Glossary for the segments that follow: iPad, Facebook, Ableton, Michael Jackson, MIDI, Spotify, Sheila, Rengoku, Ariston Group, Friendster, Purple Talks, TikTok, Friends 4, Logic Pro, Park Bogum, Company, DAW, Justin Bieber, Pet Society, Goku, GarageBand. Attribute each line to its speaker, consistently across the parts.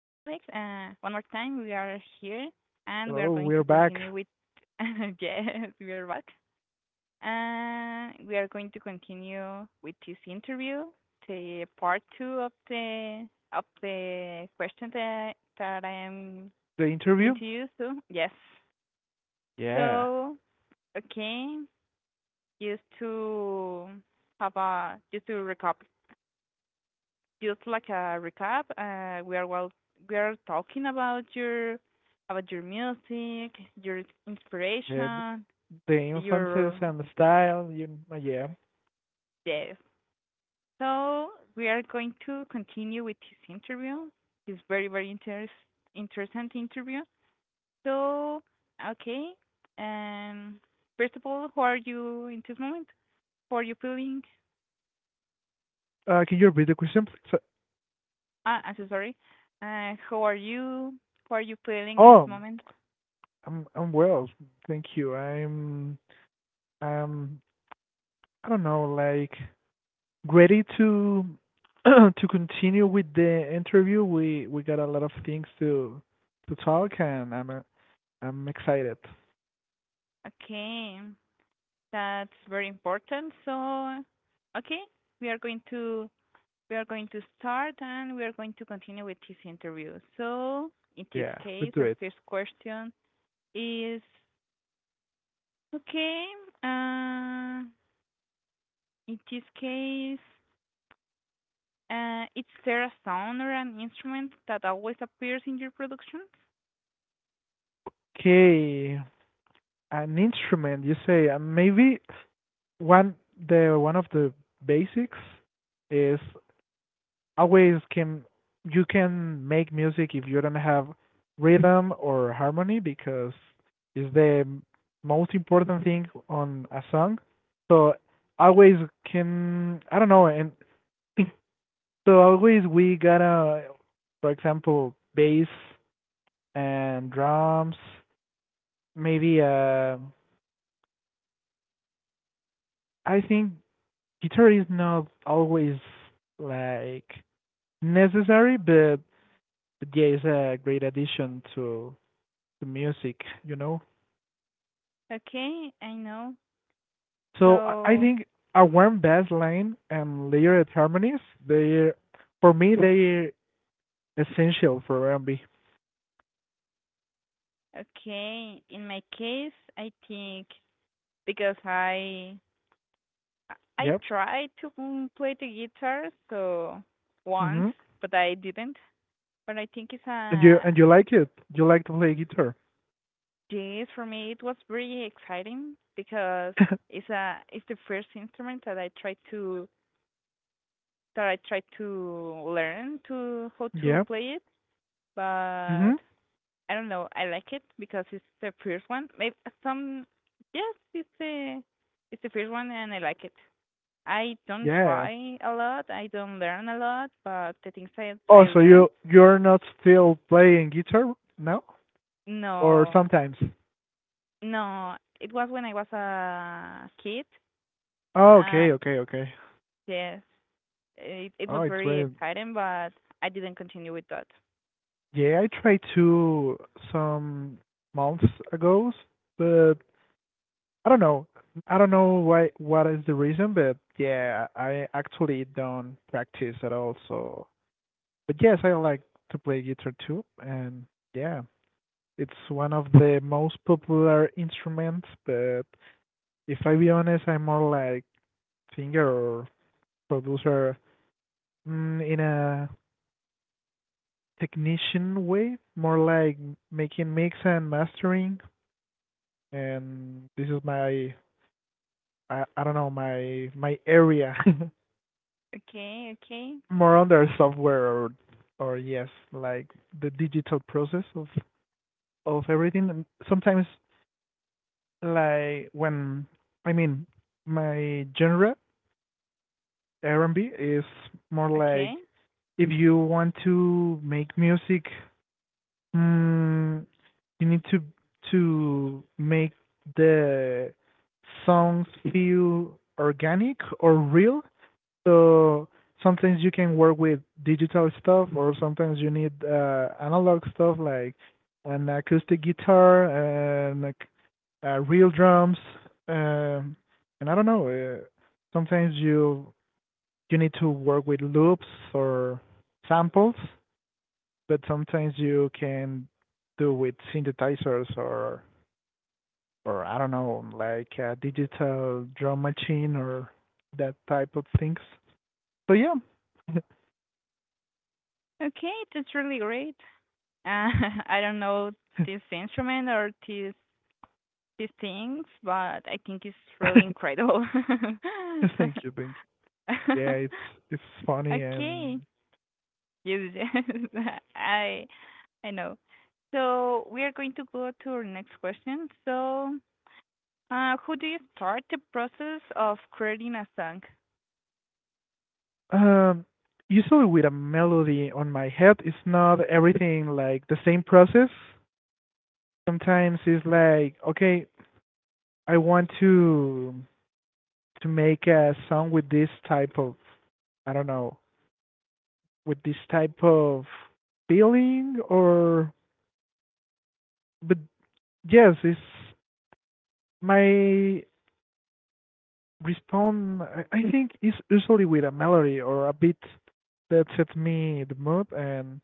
Speaker 1: one more time, we are here and we are
Speaker 2: Hello,
Speaker 1: going
Speaker 2: we're
Speaker 1: to
Speaker 2: back.
Speaker 1: continue with, yes, we are back. We are going to continue with this interview, the part two of the question that I am
Speaker 2: The
Speaker 1: giving
Speaker 2: interview?
Speaker 1: to you. So yes,
Speaker 2: Yeah.
Speaker 1: so okay, just to recap just like a recap, we are we are talking about your music, your
Speaker 2: Yeah,
Speaker 1: inspiration,
Speaker 2: the influences
Speaker 1: your
Speaker 2: and the style, you, yeah.
Speaker 1: death. So we are going to continue with this interview. It's very interesting interview. So okay, um, first of all, how are you in this moment? How are you feeling?
Speaker 2: Can you repeat the question, please? So,
Speaker 1: Ah, I'm so sorry. How are you? How are you feeling in this
Speaker 2: oh,
Speaker 1: moment?
Speaker 2: I'm well, thank you. I'm um I don't know, like ready to to continue with the interview. We got a lot of things to talk, and I'm excited.
Speaker 1: Okay. That's very important. So, okay, we are going to we are going to start and we are going to continue with this interview. So, in this
Speaker 2: Yeah, let's
Speaker 1: case,
Speaker 2: do
Speaker 1: our
Speaker 2: it.
Speaker 1: first question is okay. Uh, in this case, is there a sound or an instrument that always appears in your productions?
Speaker 2: Okay, an instrument. You say maybe one one of the basics is always can you can make music if you don't have rhythm or harmony because it's the most important thing on a song. So always can I don't know and so always we gotta for example bass and drums maybe I think guitar is not always like necessary, but yeah, it's a great addition to music, you know.
Speaker 1: Okay, I know.
Speaker 2: So I
Speaker 1: So,
Speaker 2: think a warm bass line and layered harmonies, they for me they're essential for R&B.
Speaker 1: okay, in my case, I think because I
Speaker 2: Yep.
Speaker 1: tried to play the guitar so once,
Speaker 2: Mhm.
Speaker 1: but I didn't. But I think it's
Speaker 2: And you
Speaker 1: a
Speaker 2: and you like it? You like to play guitar?
Speaker 1: Yes, for me. It was very exciting because it's the first instrument that I tried to learn to how to
Speaker 2: yeah.
Speaker 1: play it. But
Speaker 2: Mhm.
Speaker 1: I don't know. I like it because it's the first one. Maybe some yes, it's the first one and I like it. I don't
Speaker 2: Yeah.
Speaker 1: try a lot. I don't learn a lot, but the things that
Speaker 2: Oh,
Speaker 1: I
Speaker 2: so
Speaker 1: learned,
Speaker 2: you're not still playing guitar now, or
Speaker 1: no,
Speaker 2: sometimes?
Speaker 1: no. It was when I was a kid.
Speaker 2: Oh,
Speaker 1: Uh,
Speaker 2: okay, okay, okay.
Speaker 1: yes, it
Speaker 2: Oh,
Speaker 1: was
Speaker 2: it's
Speaker 1: very
Speaker 2: great.
Speaker 1: exciting, but I didn't continue with that.
Speaker 2: Yeah, I tried to some months ago, but I don't know. I don't know why what is the reason, but yeah, I actually don't practice at all. So, but yes, I like to play guitar too, and yeah, it's one of the most popular instruments. But if I be honest, I'm more like singer or producer in a technician way, more like making mix and mastering and this is my I don't know my my area
Speaker 1: Okay, okay,
Speaker 2: more under software or yes like the digital process of everything and sometimes like when I mean my genre R&B is more
Speaker 1: okay,
Speaker 2: like if you want to make music mm, you need to make the songs feel organic or real. So sometimes you can work with digital stuff, or sometimes you need analog stuff like an acoustic guitar and like real drums. Um, and I don't know. Uh, sometimes you need to work with loops or samples, but sometimes you can do with synthesizers or I don't know, like a digital drum machine or that type of things. So yeah.
Speaker 1: okay. That's really great. Uh, I don't know this instrument or these things, but I think it's really incredible.
Speaker 2: thank you, thank you. Yeah, it's funny and
Speaker 1: Okay. Yes, yes, I I know. So we are going to go to our next question. So, who do you start the process of creating a song?
Speaker 2: um usually with a melody on my head it's not everything like the same process. Sometimes it's like, okay, I want to make a song with this type of I don't know, with this type of feeling or but yes, it's my respond I think is usually with a melody or a beat that sets me the mood and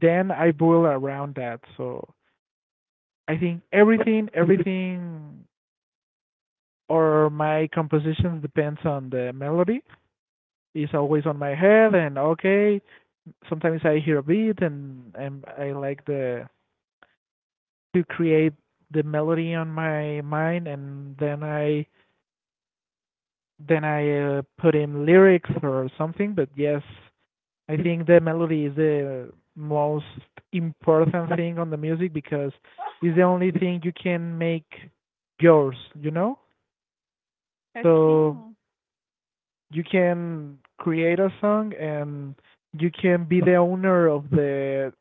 Speaker 2: then I boil around that. So I think everything or my composition depends on the melody. It's always on my head and okay. Sometimes I hear a beat and I like the to create the melody on my mind and then I put in lyrics or something. But yes, I think the melody is the most important thing on the music because it's the only thing you can make yours, you know?
Speaker 1: Okay.
Speaker 2: So you can create a song and you can be the owner of the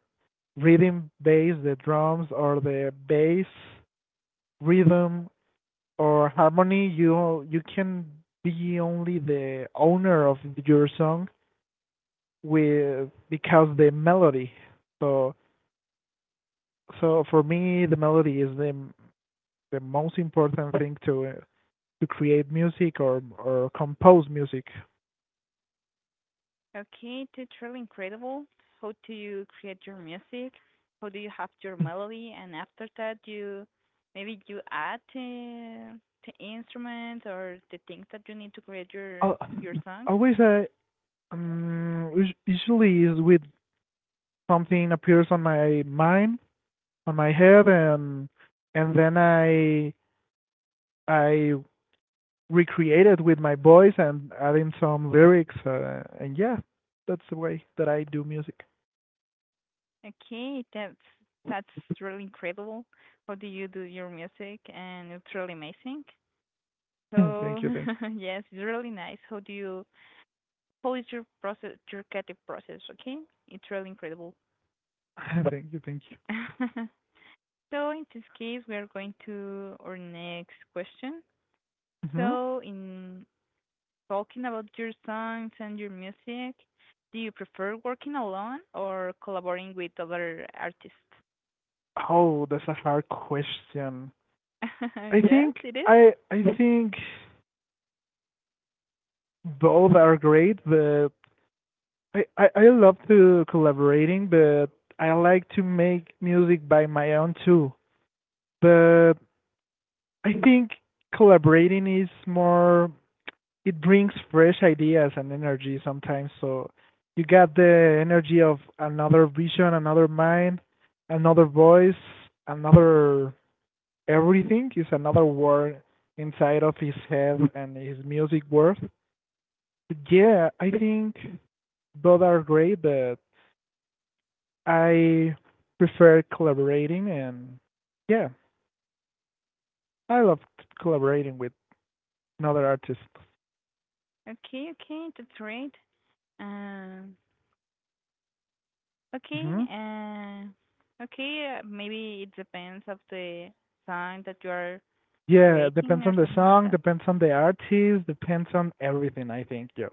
Speaker 2: rhythm bass, the drums or the bass rhythm or harmony. You can be only the owner of your song with because the melody. So so for me the melody is the most important thing to create music or compose music.
Speaker 1: Okay, that's really incredible. How do you create your music? How do you have your melody? And after that, you add the instruments or the things that you need to create your
Speaker 2: Al-
Speaker 1: your song.
Speaker 2: always usually is with something appears on my mind on my head and and then I recreate it with my voice and adding some lyrics and yeah that's the way that I do music.
Speaker 1: Okay, that's really incredible. How do you do your music? And it's really amazing. So
Speaker 2: Thank
Speaker 1: yes, it's really nice. How do you? How is your process? Your creative process? Okay, it's really incredible.
Speaker 2: you thank
Speaker 1: So in this case, we are going to our next question.
Speaker 2: you hmm.
Speaker 1: So in talking about your songs and your music, do you prefer working alone or collaborating with other artists?
Speaker 2: Oh, that's a hard question. I
Speaker 1: Yes,
Speaker 2: think
Speaker 1: it is.
Speaker 2: I think both are great, but I love to collaborating, but I like to make music by my own too. But I think collaborating is more it brings fresh ideas and energy sometimes. So you get the energy of another vision, another mind, another voice, another everything is another word inside of his head and his music world. Yeah, I think both are great, but I prefer collaborating and yeah, I love collaborating with another artist.
Speaker 1: Okay, okay, that's great. Um, okay,
Speaker 2: Hmm.
Speaker 1: okay, maybe it depends of the sign that you are
Speaker 2: Yeah,
Speaker 1: creating
Speaker 2: depends
Speaker 1: or
Speaker 2: on the
Speaker 1: something like
Speaker 2: song,
Speaker 1: that.
Speaker 2: depends on the artist, depends on everything. I think yeah,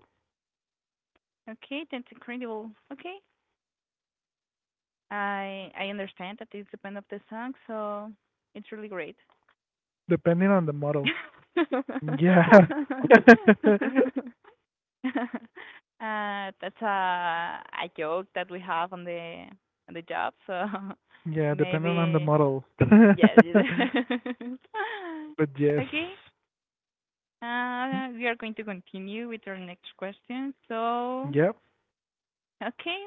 Speaker 1: Okay, that's incredible. Okay, I understand that it depends of the song, so it's really great.
Speaker 2: depending on the model.
Speaker 1: uh,
Speaker 2: Yeah,
Speaker 1: that's a joke that we have on the job, so
Speaker 2: yeah, depending on the
Speaker 1: maybe
Speaker 2: model. but
Speaker 1: yes. Yes.
Speaker 2: yes,
Speaker 1: Okay. We are going to continue with our next question. So,
Speaker 2: yeah.
Speaker 1: okay.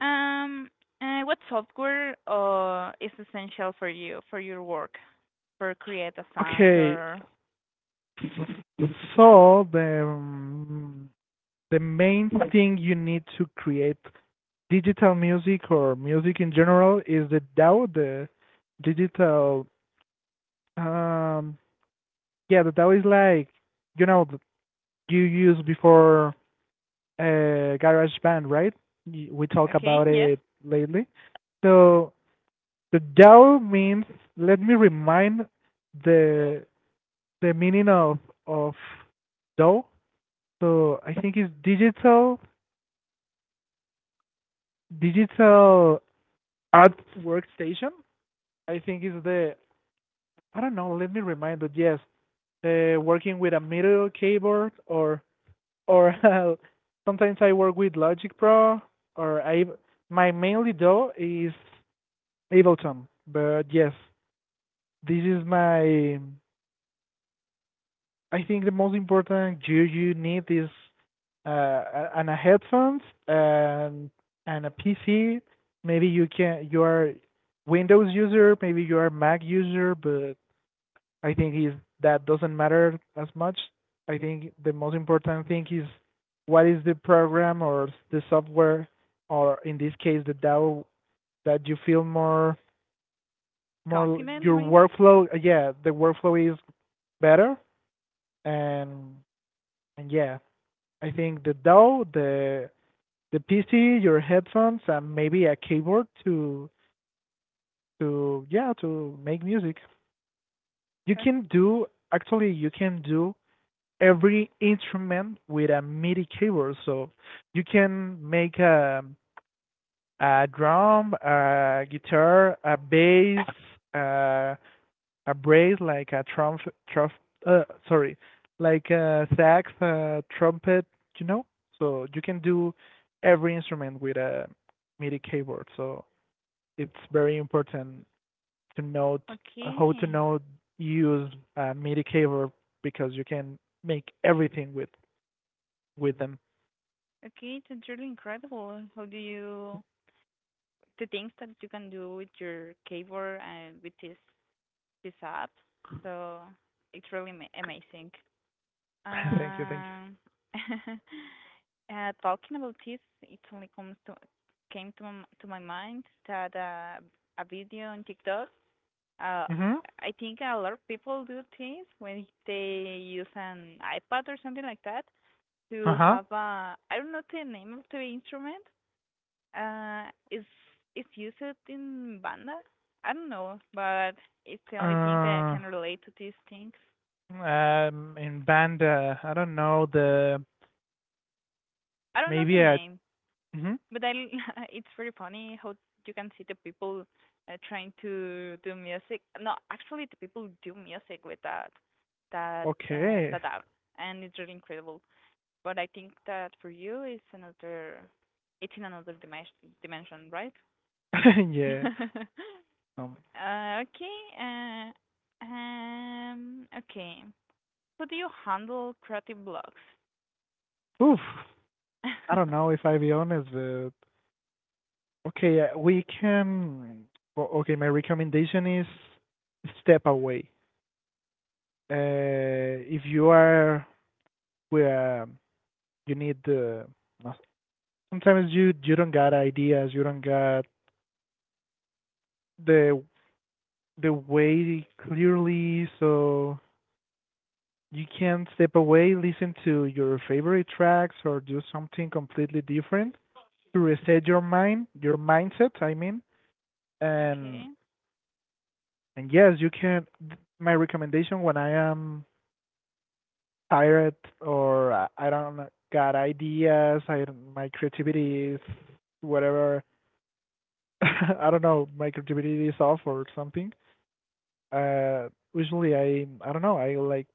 Speaker 1: Um, what software is essential for you, for your work, for create a song
Speaker 2: Okay,
Speaker 1: or...
Speaker 2: so the main thing you need to create digital music or music in general is the DAW, the digital. Um, yeah, the DAW is like you know you used before GarageBand, right? We talk
Speaker 1: Okay,
Speaker 2: about
Speaker 1: yes.
Speaker 2: it lately. So the DAW means. Let me remind the the meaning of DAW. So I think it's digital digital art workstation. I think is the I don't know. Let me remind you. Yes, working with a middle keyboard or sometimes I work with Logic Pro or I my mainly though is Ableton. But yes, this is my I think the most important gear you need is uh, and a headphones and and a PC. Maybe you can you are Windows user, maybe you are Mac user, but I think is that doesn't matter as much. I think the most important thing is what is the program or the software or in this case the DAO that you feel more more
Speaker 1: Confident,
Speaker 2: your
Speaker 1: maybe?
Speaker 2: workflow yeah the workflow is better and and yeah I think the DAW, the PC, your headphones, and maybe a keyboard to yeah to make music. You
Speaker 1: O-
Speaker 2: can do actually you can do every instrument with a MIDI keyboard. So you can make a drum, a guitar, a bass, a a brass like a trump, trump uh, sorry, like a sax, a trumpet, you know. So you can do every instrument with a MIDI keyboard. So it's very important to know how to
Speaker 1: Okay.
Speaker 2: know use a MIDI keyboard because you can make everything with them.
Speaker 1: Okay, it's really incredible. How do you... The things that you can do with your keyboard and with this, this app. So it's really ma- amazing.
Speaker 2: thank you, thank
Speaker 1: Um, talking about this, it only comes to came to m- to my mind that a video on TikTok. Uh,
Speaker 2: you. Mhm.
Speaker 1: I think a lot of people do this when they use an iPad or something like that to
Speaker 2: Uh-huh.
Speaker 1: have a I don't know the name of the instrument. Uh, is used in banda? I don't know, but it's the only thing that I
Speaker 2: Uh
Speaker 1: can relate to these things.
Speaker 2: um. In band, I don't know the
Speaker 1: I don't know the
Speaker 2: maybe a.
Speaker 1: name.
Speaker 2: Mhm.
Speaker 1: But I, l- it's very funny how you can see the people trying to do music. No, actually, the people do music with that that uh,
Speaker 2: Okay.
Speaker 1: that app, and it's really incredible. But I think that for you, it's another, it's in another dimension, right?
Speaker 2: yeah. Um,
Speaker 1: Okay. Okay. How do you handle creative blocks?
Speaker 2: oof. I don't know if I'll be honest, but okay, we can. Well, okay, my recommendation is step away. If you are where you need the, sometimes you don't got ideas, you don't got the the way clearly, so you can step away, listen to your favorite tracks, or do something completely different to reset your mind, your mindset. I mean, and
Speaker 1: Okay.
Speaker 2: and yes, you can. My recommendation when I am tired or I don't got ideas, I don't- my creativity is whatever. I don't know, my creativity is off or something. Uh, usually I don't know. I like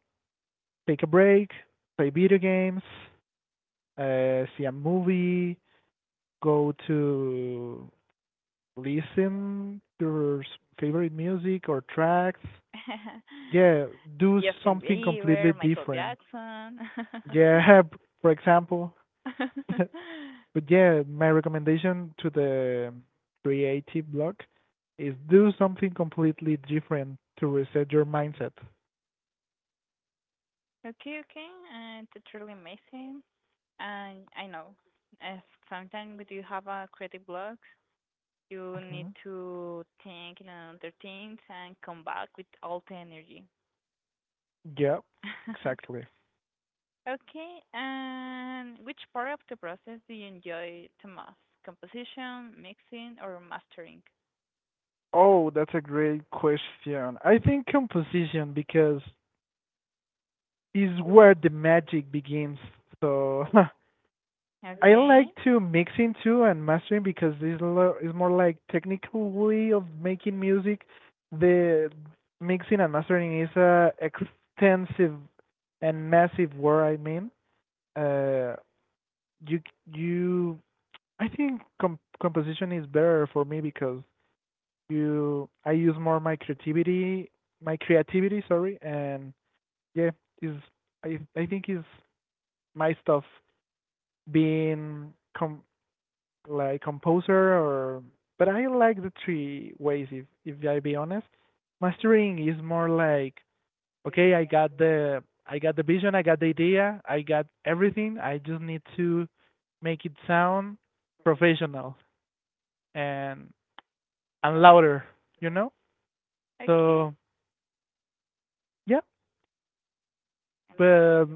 Speaker 2: take a break, play video games, see a movie, go to listen your favorite music or tracks. Yeah, do
Speaker 1: Justin
Speaker 2: something completely
Speaker 1: Bieber, Michael
Speaker 2: different.
Speaker 1: Jackson.
Speaker 2: Yeah, for example. but yeah, my recommendation to the creative block is do something completely different to reset your mindset.
Speaker 1: Okay, okay. That's really amazing. And I know, uh, sometimes when you have a creative block, you need
Speaker 2: Hmm.
Speaker 1: to think on other things and come back with all the energy.
Speaker 2: Yeah, exactly.
Speaker 1: Okay, and which part of the process do you enjoy the most? Composition, mixing, or mastering?
Speaker 2: Oh, that's a great question. I think composition because is where the magic begins. So I
Speaker 1: Okay,
Speaker 2: like to mixing too and mastering because this is more like technical way of making music. The mixing and mastering is a extensive and massive word. I mean, uh, you you I think composition is better for me because you I use more my creativity, sorry, and yeah, is I think is my stuff being like composer or but I like the three ways if I be honest. Mastering is more like okay, I got the vision, I got the idea, I got everything. I just need to make it sound professional and and louder, you know?
Speaker 1: okay,
Speaker 2: So yeah, but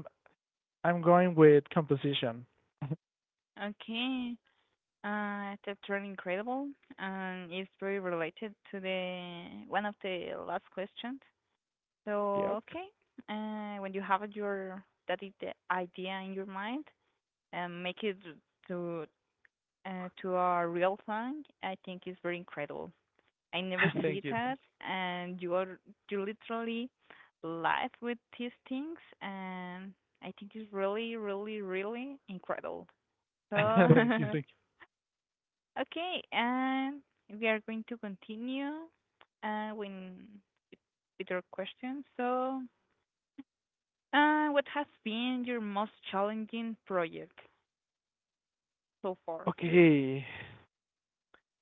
Speaker 2: I'm going with composition.
Speaker 1: okay. That's really incredible, and it's very related to the one of the last questions.
Speaker 2: Yep.
Speaker 1: So, okay, when you have your the idea in your mind and make it to to a real thing, I think it's very incredible. I never
Speaker 2: Thank
Speaker 1: see
Speaker 2: you. Thank
Speaker 1: that, and you literally live with these things, and I think it's really, really, really incredible. So
Speaker 2: you. Thank you. Thank
Speaker 1: Okay, and we are going to continue uh, when, with your question. So, what has been your most challenging project so
Speaker 2: you.
Speaker 1: far?
Speaker 2: Okay.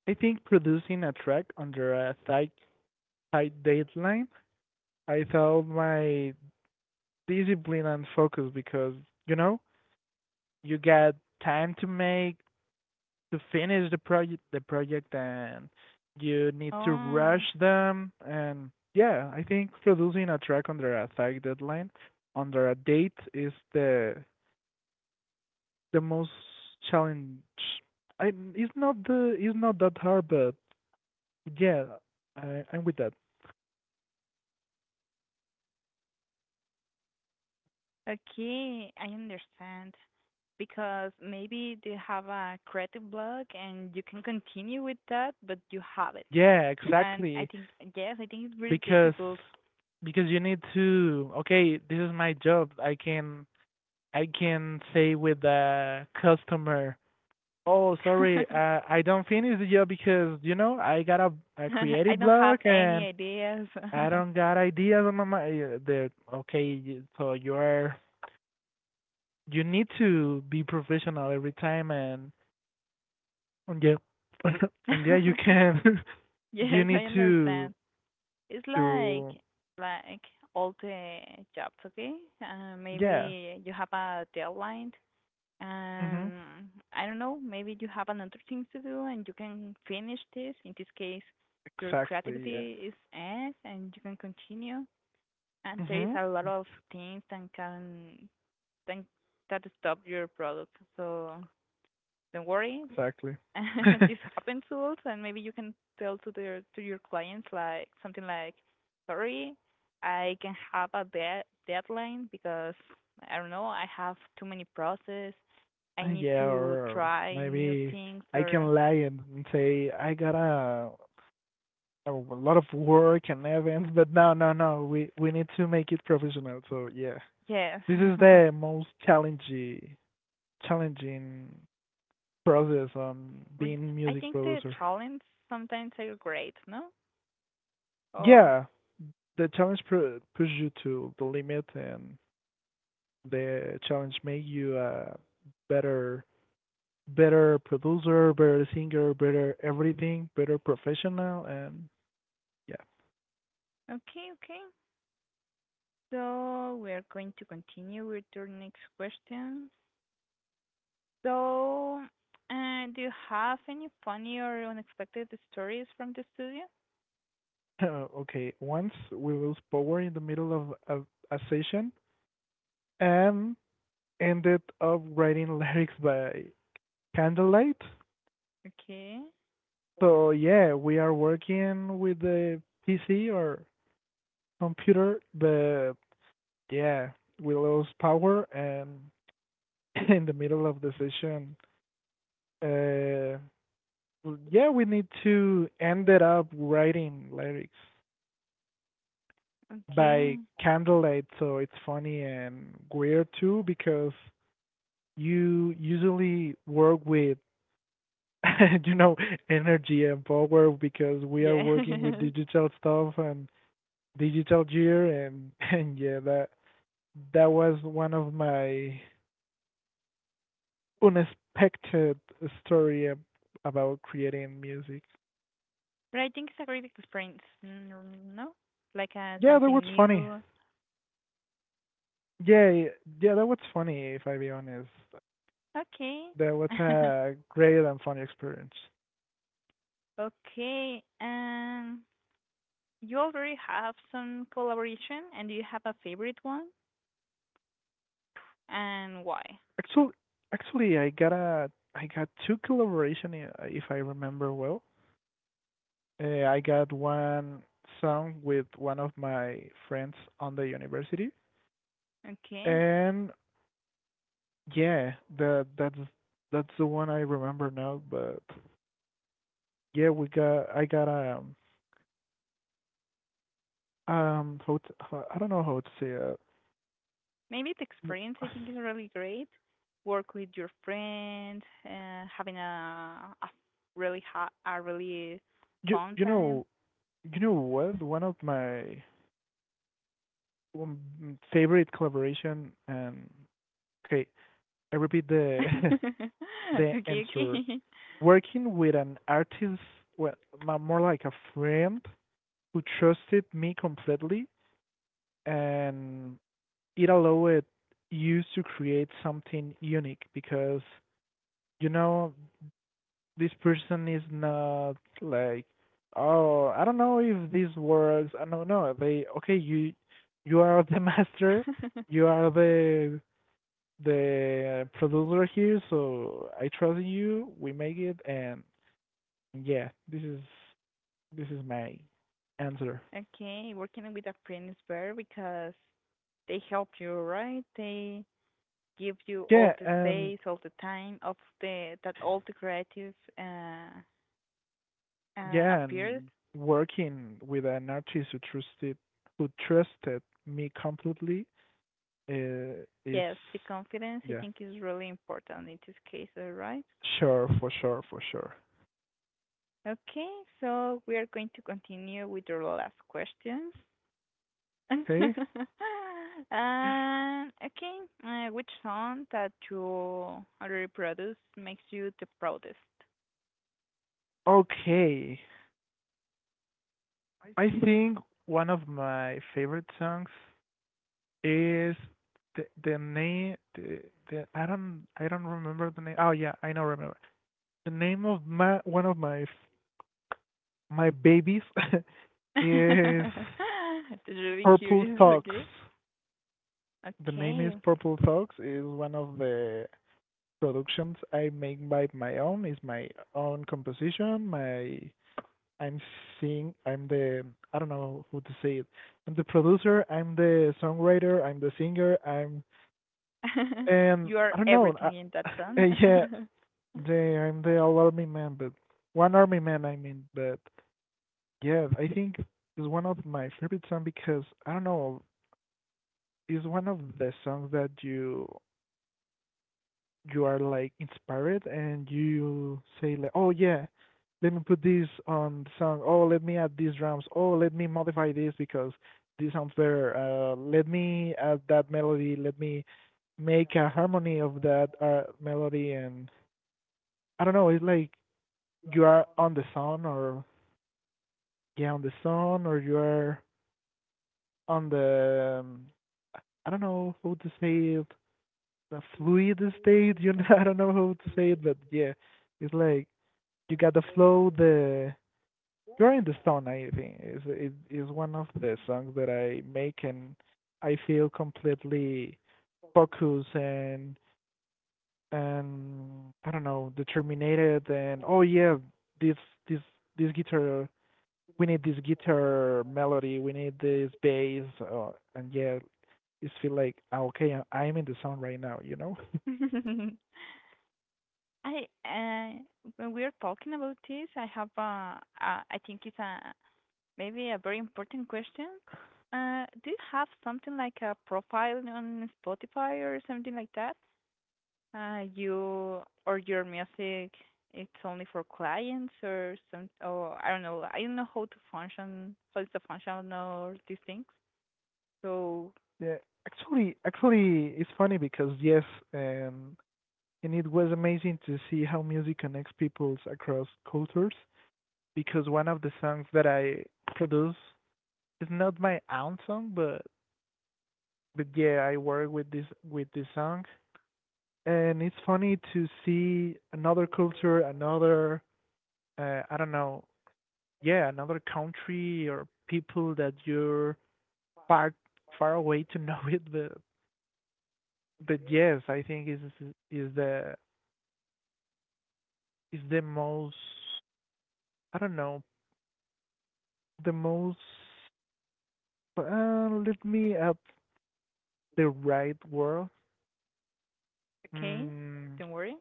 Speaker 2: I think producing a track under a site tight deadline, I thought my discipline and focus because you know you got time to make to finish the project and you need to rush
Speaker 1: Oh,
Speaker 2: them and yeah I think producing a track under a tight deadline under a date is the most challenge. I, it's not the it's not that hard but yeah I, I'm with that
Speaker 1: okay, I understand. Because maybe they have a creative block and you can continue with that, but you have it.
Speaker 2: yeah
Speaker 1: And I
Speaker 2: exactly
Speaker 1: think, yes, I think it's really
Speaker 2: because
Speaker 1: difficult.
Speaker 2: because you need to okay this is my job I can say with the customer oh sorry I don't finish the job because you know I got a
Speaker 1: I
Speaker 2: creative
Speaker 1: don't have
Speaker 2: block
Speaker 1: any
Speaker 2: and
Speaker 1: ideas.
Speaker 2: I don't got ideas on my mind the okay so you're you need to be professional every time and yeah and yeah you can you
Speaker 1: Yes,
Speaker 2: need
Speaker 1: I understand. It's like
Speaker 2: to
Speaker 1: like all the jobs, okay?
Speaker 2: yeah
Speaker 1: Maybe you have a deadline,
Speaker 2: mhm
Speaker 1: and I don't know, maybe you have another thing to do, and you can finish this. In this case, your
Speaker 2: exactly yeah
Speaker 1: creativity is ends, and you can continue. And there is
Speaker 2: mhm
Speaker 1: a lot of things that can that that stop your product. So don't worry,
Speaker 2: exactly.
Speaker 1: this happens to us, and maybe you can tell to their to your clients like something like, "Sorry, I can have a de- deadline because I don't know, I have too many process. I need
Speaker 2: Yeah,
Speaker 1: to
Speaker 2: or
Speaker 1: try new
Speaker 2: maybe
Speaker 1: things
Speaker 2: I
Speaker 1: or
Speaker 2: can lie and say I got a lot of work and events, but no, no, no. We need to make it professional. So yeah,
Speaker 1: yes."
Speaker 2: this is the most challenging process on
Speaker 1: Would-
Speaker 2: being
Speaker 1: I
Speaker 2: music
Speaker 1: think the
Speaker 2: producer.
Speaker 1: challenge sometimes are great, no? Or
Speaker 2: Yeah, the push you to the limit, and the challenge make you a better better producer, better singer, better everything, better professional, and yeah.
Speaker 1: okay, okay. So we are going to continue with your next question. So, do you have any funny or unexpected stories from the studio?
Speaker 2: Okay, once we lose power in the middle of a session and ended up writing lyrics by candlelight.
Speaker 1: Okay,
Speaker 2: So yeah, we are working with the PC or computer, but yeah, we lost power and in the middle of the session. Uh, yeah, we need to ended up writing lyrics
Speaker 1: okay,
Speaker 2: by candlelight, so it's funny and weird too because you usually work with you know energy and power because we are
Speaker 1: yeah.
Speaker 2: working with digital stuff and digital gear and and yeah that was one of my unexpected story about creating music.
Speaker 1: But I think it's a great experience. Mm, no, like
Speaker 2: Yeah, that was
Speaker 1: something
Speaker 2: funny.
Speaker 1: new.
Speaker 2: Yeah, yeah, that was funny. If I be honest,
Speaker 1: Okay,
Speaker 2: that was a great and funny experience.
Speaker 1: okay. You already have some collaboration, and do you have a favorite one, and why?
Speaker 2: Actually, actually, I got a I got two collaboration if I remember well. I got one song with one of my friends on the university,
Speaker 1: Okay.
Speaker 2: and yeah, that's that's the one I remember now. But yeah, we got I got how to, I don't know how to say it.
Speaker 1: Maybe the
Speaker 2: W-
Speaker 1: experience I think is really great. Work with your friends, having a really hot, a really
Speaker 2: You
Speaker 1: fun
Speaker 2: you
Speaker 1: time.
Speaker 2: know you know what one of my um, favorite collaboration and okay I repeat the
Speaker 1: Okay,
Speaker 2: the
Speaker 1: okay,
Speaker 2: answer working with an artist, well, more like a friend who trusted me completely, and it allowed you to create something unique because you know this person is not like, oh, I don't know if this works. I don't know. They okay you are the master. You are the producer here, so I trust you. We make it, and yeah, this is my answer.
Speaker 1: okay. Working with a friend is better because they help you, right? They give you all
Speaker 2: Yeah,
Speaker 1: the
Speaker 2: and
Speaker 1: space, all the time of the that all the creative
Speaker 2: yeah,
Speaker 1: appears.
Speaker 2: and working with an artist who trusted me completely uh, is
Speaker 1: Yes, the confidence I
Speaker 2: yeah,
Speaker 1: think is really important in this case, right?
Speaker 2: sure for sure for sure.
Speaker 1: Okay, so we are going to continue with the last questions.
Speaker 2: Okay,
Speaker 1: And okay, which song that you already produced makes you the proudest?
Speaker 2: okay. I think one of my favorite songs is the the name the, the I don't remember the name. Oh yeah, I now remember the name of my one of my my babies is
Speaker 1: That's really
Speaker 2: Purple
Speaker 1: curious,
Speaker 2: Talks.
Speaker 1: okay?
Speaker 2: The name is
Speaker 1: Okay.
Speaker 2: Purple Talks. Is one of the productions I make by my own. It's my own composition. My I'm seeing. I'm the I don't know who to say it. I'm the producer. I'm the songwriter. I'm the singer. I'm and
Speaker 1: You are
Speaker 2: I don't know. I,
Speaker 1: everything in that song.
Speaker 2: yeah, the, I'm the all army man, but one army man, I mean, but yeah, I think it's one of my favorite songs because I don't know, it's one of the songs that you are like inspired and you say like, oh yeah, let me put this on the song. Oh, let me add these drums. Oh, let me modify this because this sounds better. Let me add that melody. Let me make a harmony of that melody and I don't know. It's like you are on the song or yeah, on the song or you are on the I don't know how to say it, the fluid state. You know, I don't know how to say it, but yeah, it's like you got the flow. The you're in the zone. I think is it is one of the songs that I make, and I feel completely focused and I don't know determined. And oh yeah, this this this guitar. We need this guitar melody. We need this bass. And yeah, is feel like ah, okay, I'm in the zone right now, you know.
Speaker 1: I when we are talking about this, I have a I think it's a maybe a very important question. Do you have something like a profile on Spotify or something like that? You or your music, it's only for clients or some, oh, I don't know. I don't know how to function, how it's a function or these things. So,
Speaker 2: Yeah, actually, it's funny because yes, and and it was amazing to see how music connects peoples across cultures. Because one of the songs that I produce is not my own song, but yeah, I work with this song, and it's funny to see another culture, another I don't know, yeah, another country or people that you're far far away to know it, but yes, I think is the is the most I don't know the most let me up the right word.
Speaker 1: okay,
Speaker 2: Mm,
Speaker 1: don't worry.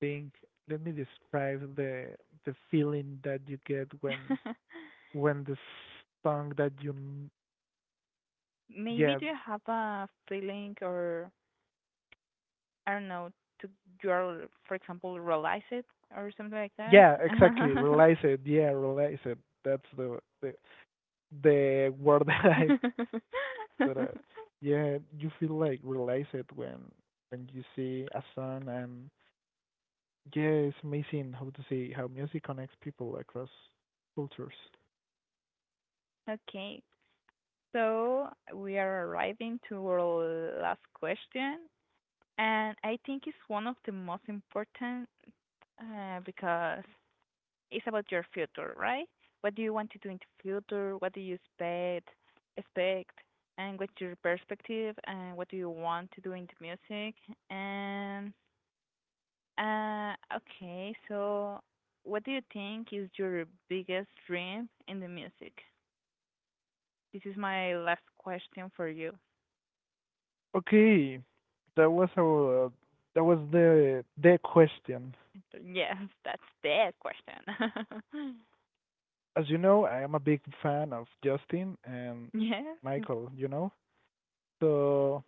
Speaker 2: think let me describe the feeling that you get when the song that you
Speaker 1: Maybe
Speaker 2: yeah
Speaker 1: do you have a feeling or I don't know, to you're, for example, realize it or something like that?
Speaker 2: yeah exactly realize it yeah realize it that's the word that I but yeah, you feel like related when you see a song, and yeah, it's amazing how to see how music connects people across cultures.
Speaker 1: Okay. So we are arriving to our last question, and I think it's one of the most important because it's about your future, right? What do you want to do in the future? What do you expect, and what's your perspective, and what do you want to do in the music? And okay, so what do you think is your biggest dream in the music? This is my last question for you.
Speaker 2: Okay, that was our that was the question.
Speaker 1: Yes, that's the question.
Speaker 2: As you know, I am a big fan of Justin and
Speaker 1: Yes.
Speaker 2: Michael. You know, so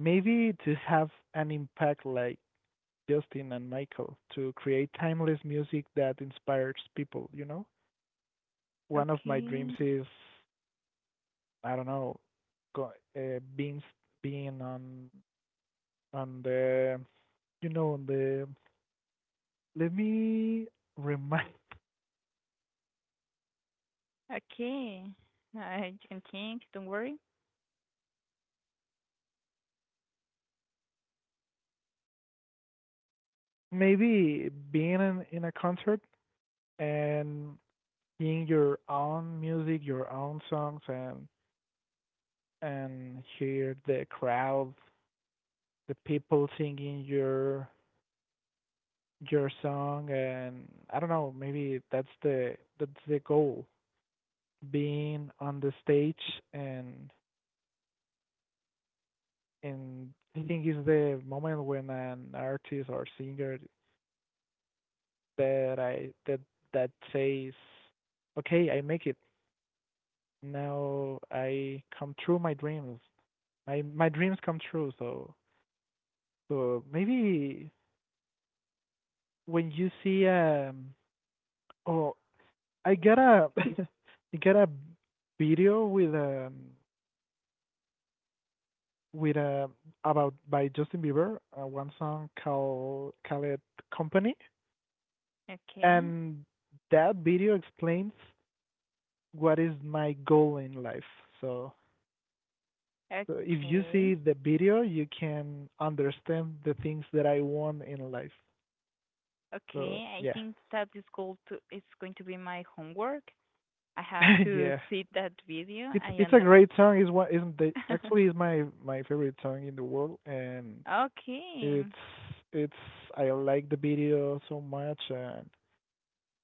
Speaker 2: maybe to have an impact like Justin and Michael to create timeless music that inspires people. You know, one of my
Speaker 1: Okay.
Speaker 2: dreams is I don't know, go, uh, being s- being on the you know on the let me remind
Speaker 1: Okay. You can think, don't worry.
Speaker 2: maybe being in a concert and seeing your own music, your own songs, and hear the crowd, the people singing your song, and I don't know, maybe that's the goal, being on the stage and and I think it's the moment when an artist or singer that I that that says, "Okay, I make it now. I come true my dreams. My dreams come true." So so maybe when you see oh I got a I got a video with a about by Justin Bieber one song called Company
Speaker 1: Okay.
Speaker 2: and that video explains what is my goal in life. So, so if you
Speaker 1: Okay.
Speaker 2: see the video, you can understand the things that I want in life. So
Speaker 1: Okay. I
Speaker 2: yeah,
Speaker 1: think that is going to it's going to be my homework. I have to
Speaker 2: yeah.
Speaker 1: see that video.
Speaker 2: It's
Speaker 1: I
Speaker 2: it's a
Speaker 1: under
Speaker 2: great song. Is what isn't the actually is my favorite song in the world, and
Speaker 1: Okay.
Speaker 2: it's it's I like the video so much,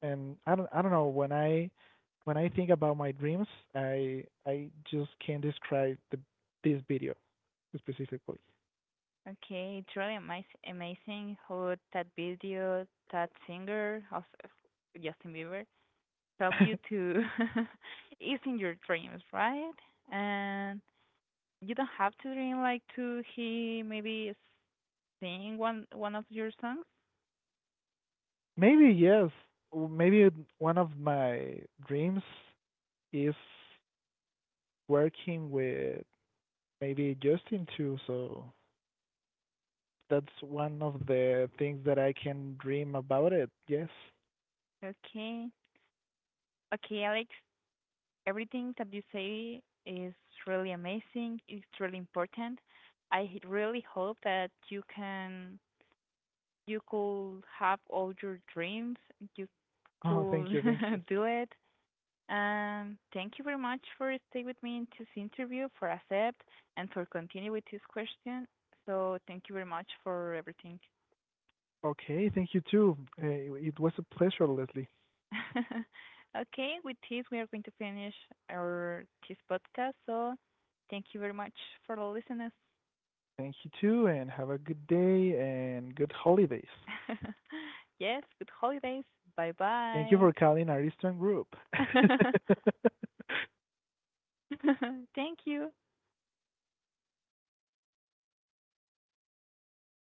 Speaker 2: and I don't know when I think about my dreams, I just can't describe the this video specifically.
Speaker 1: Okay. It's really amaz- amazing how that video, that singer, also Justin Bieber, help you to is in your dreams, right? And you don't have to dream like to he maybe sing one of your songs.
Speaker 2: Maybe yes. Maybe one of my dreams is working with maybe Justin too. So that's one of the things that I can dream about it. Yes.
Speaker 1: Okay. Okay, Alex, everything that you say is really amazing. It's really important. I h- really hope that you can you could have all your dreams. You
Speaker 2: Oh, thank
Speaker 1: could
Speaker 2: you, thank you.
Speaker 1: do it. Thank you very much for staying with me in this interview, for accept, and for continue with this question. So thank you very much for everything.
Speaker 2: Okay, thank you too. It was a pleasure, Leslie.
Speaker 1: Okay, with this, we are going to finish our this podcast, so thank you very much for the listeners.
Speaker 2: Thank you too, and have a good day and good holidays.
Speaker 1: Yes, good holidays.
Speaker 2: Thank you
Speaker 1: Bye-bye.
Speaker 2: for calling Ariston Group.
Speaker 1: Thank you.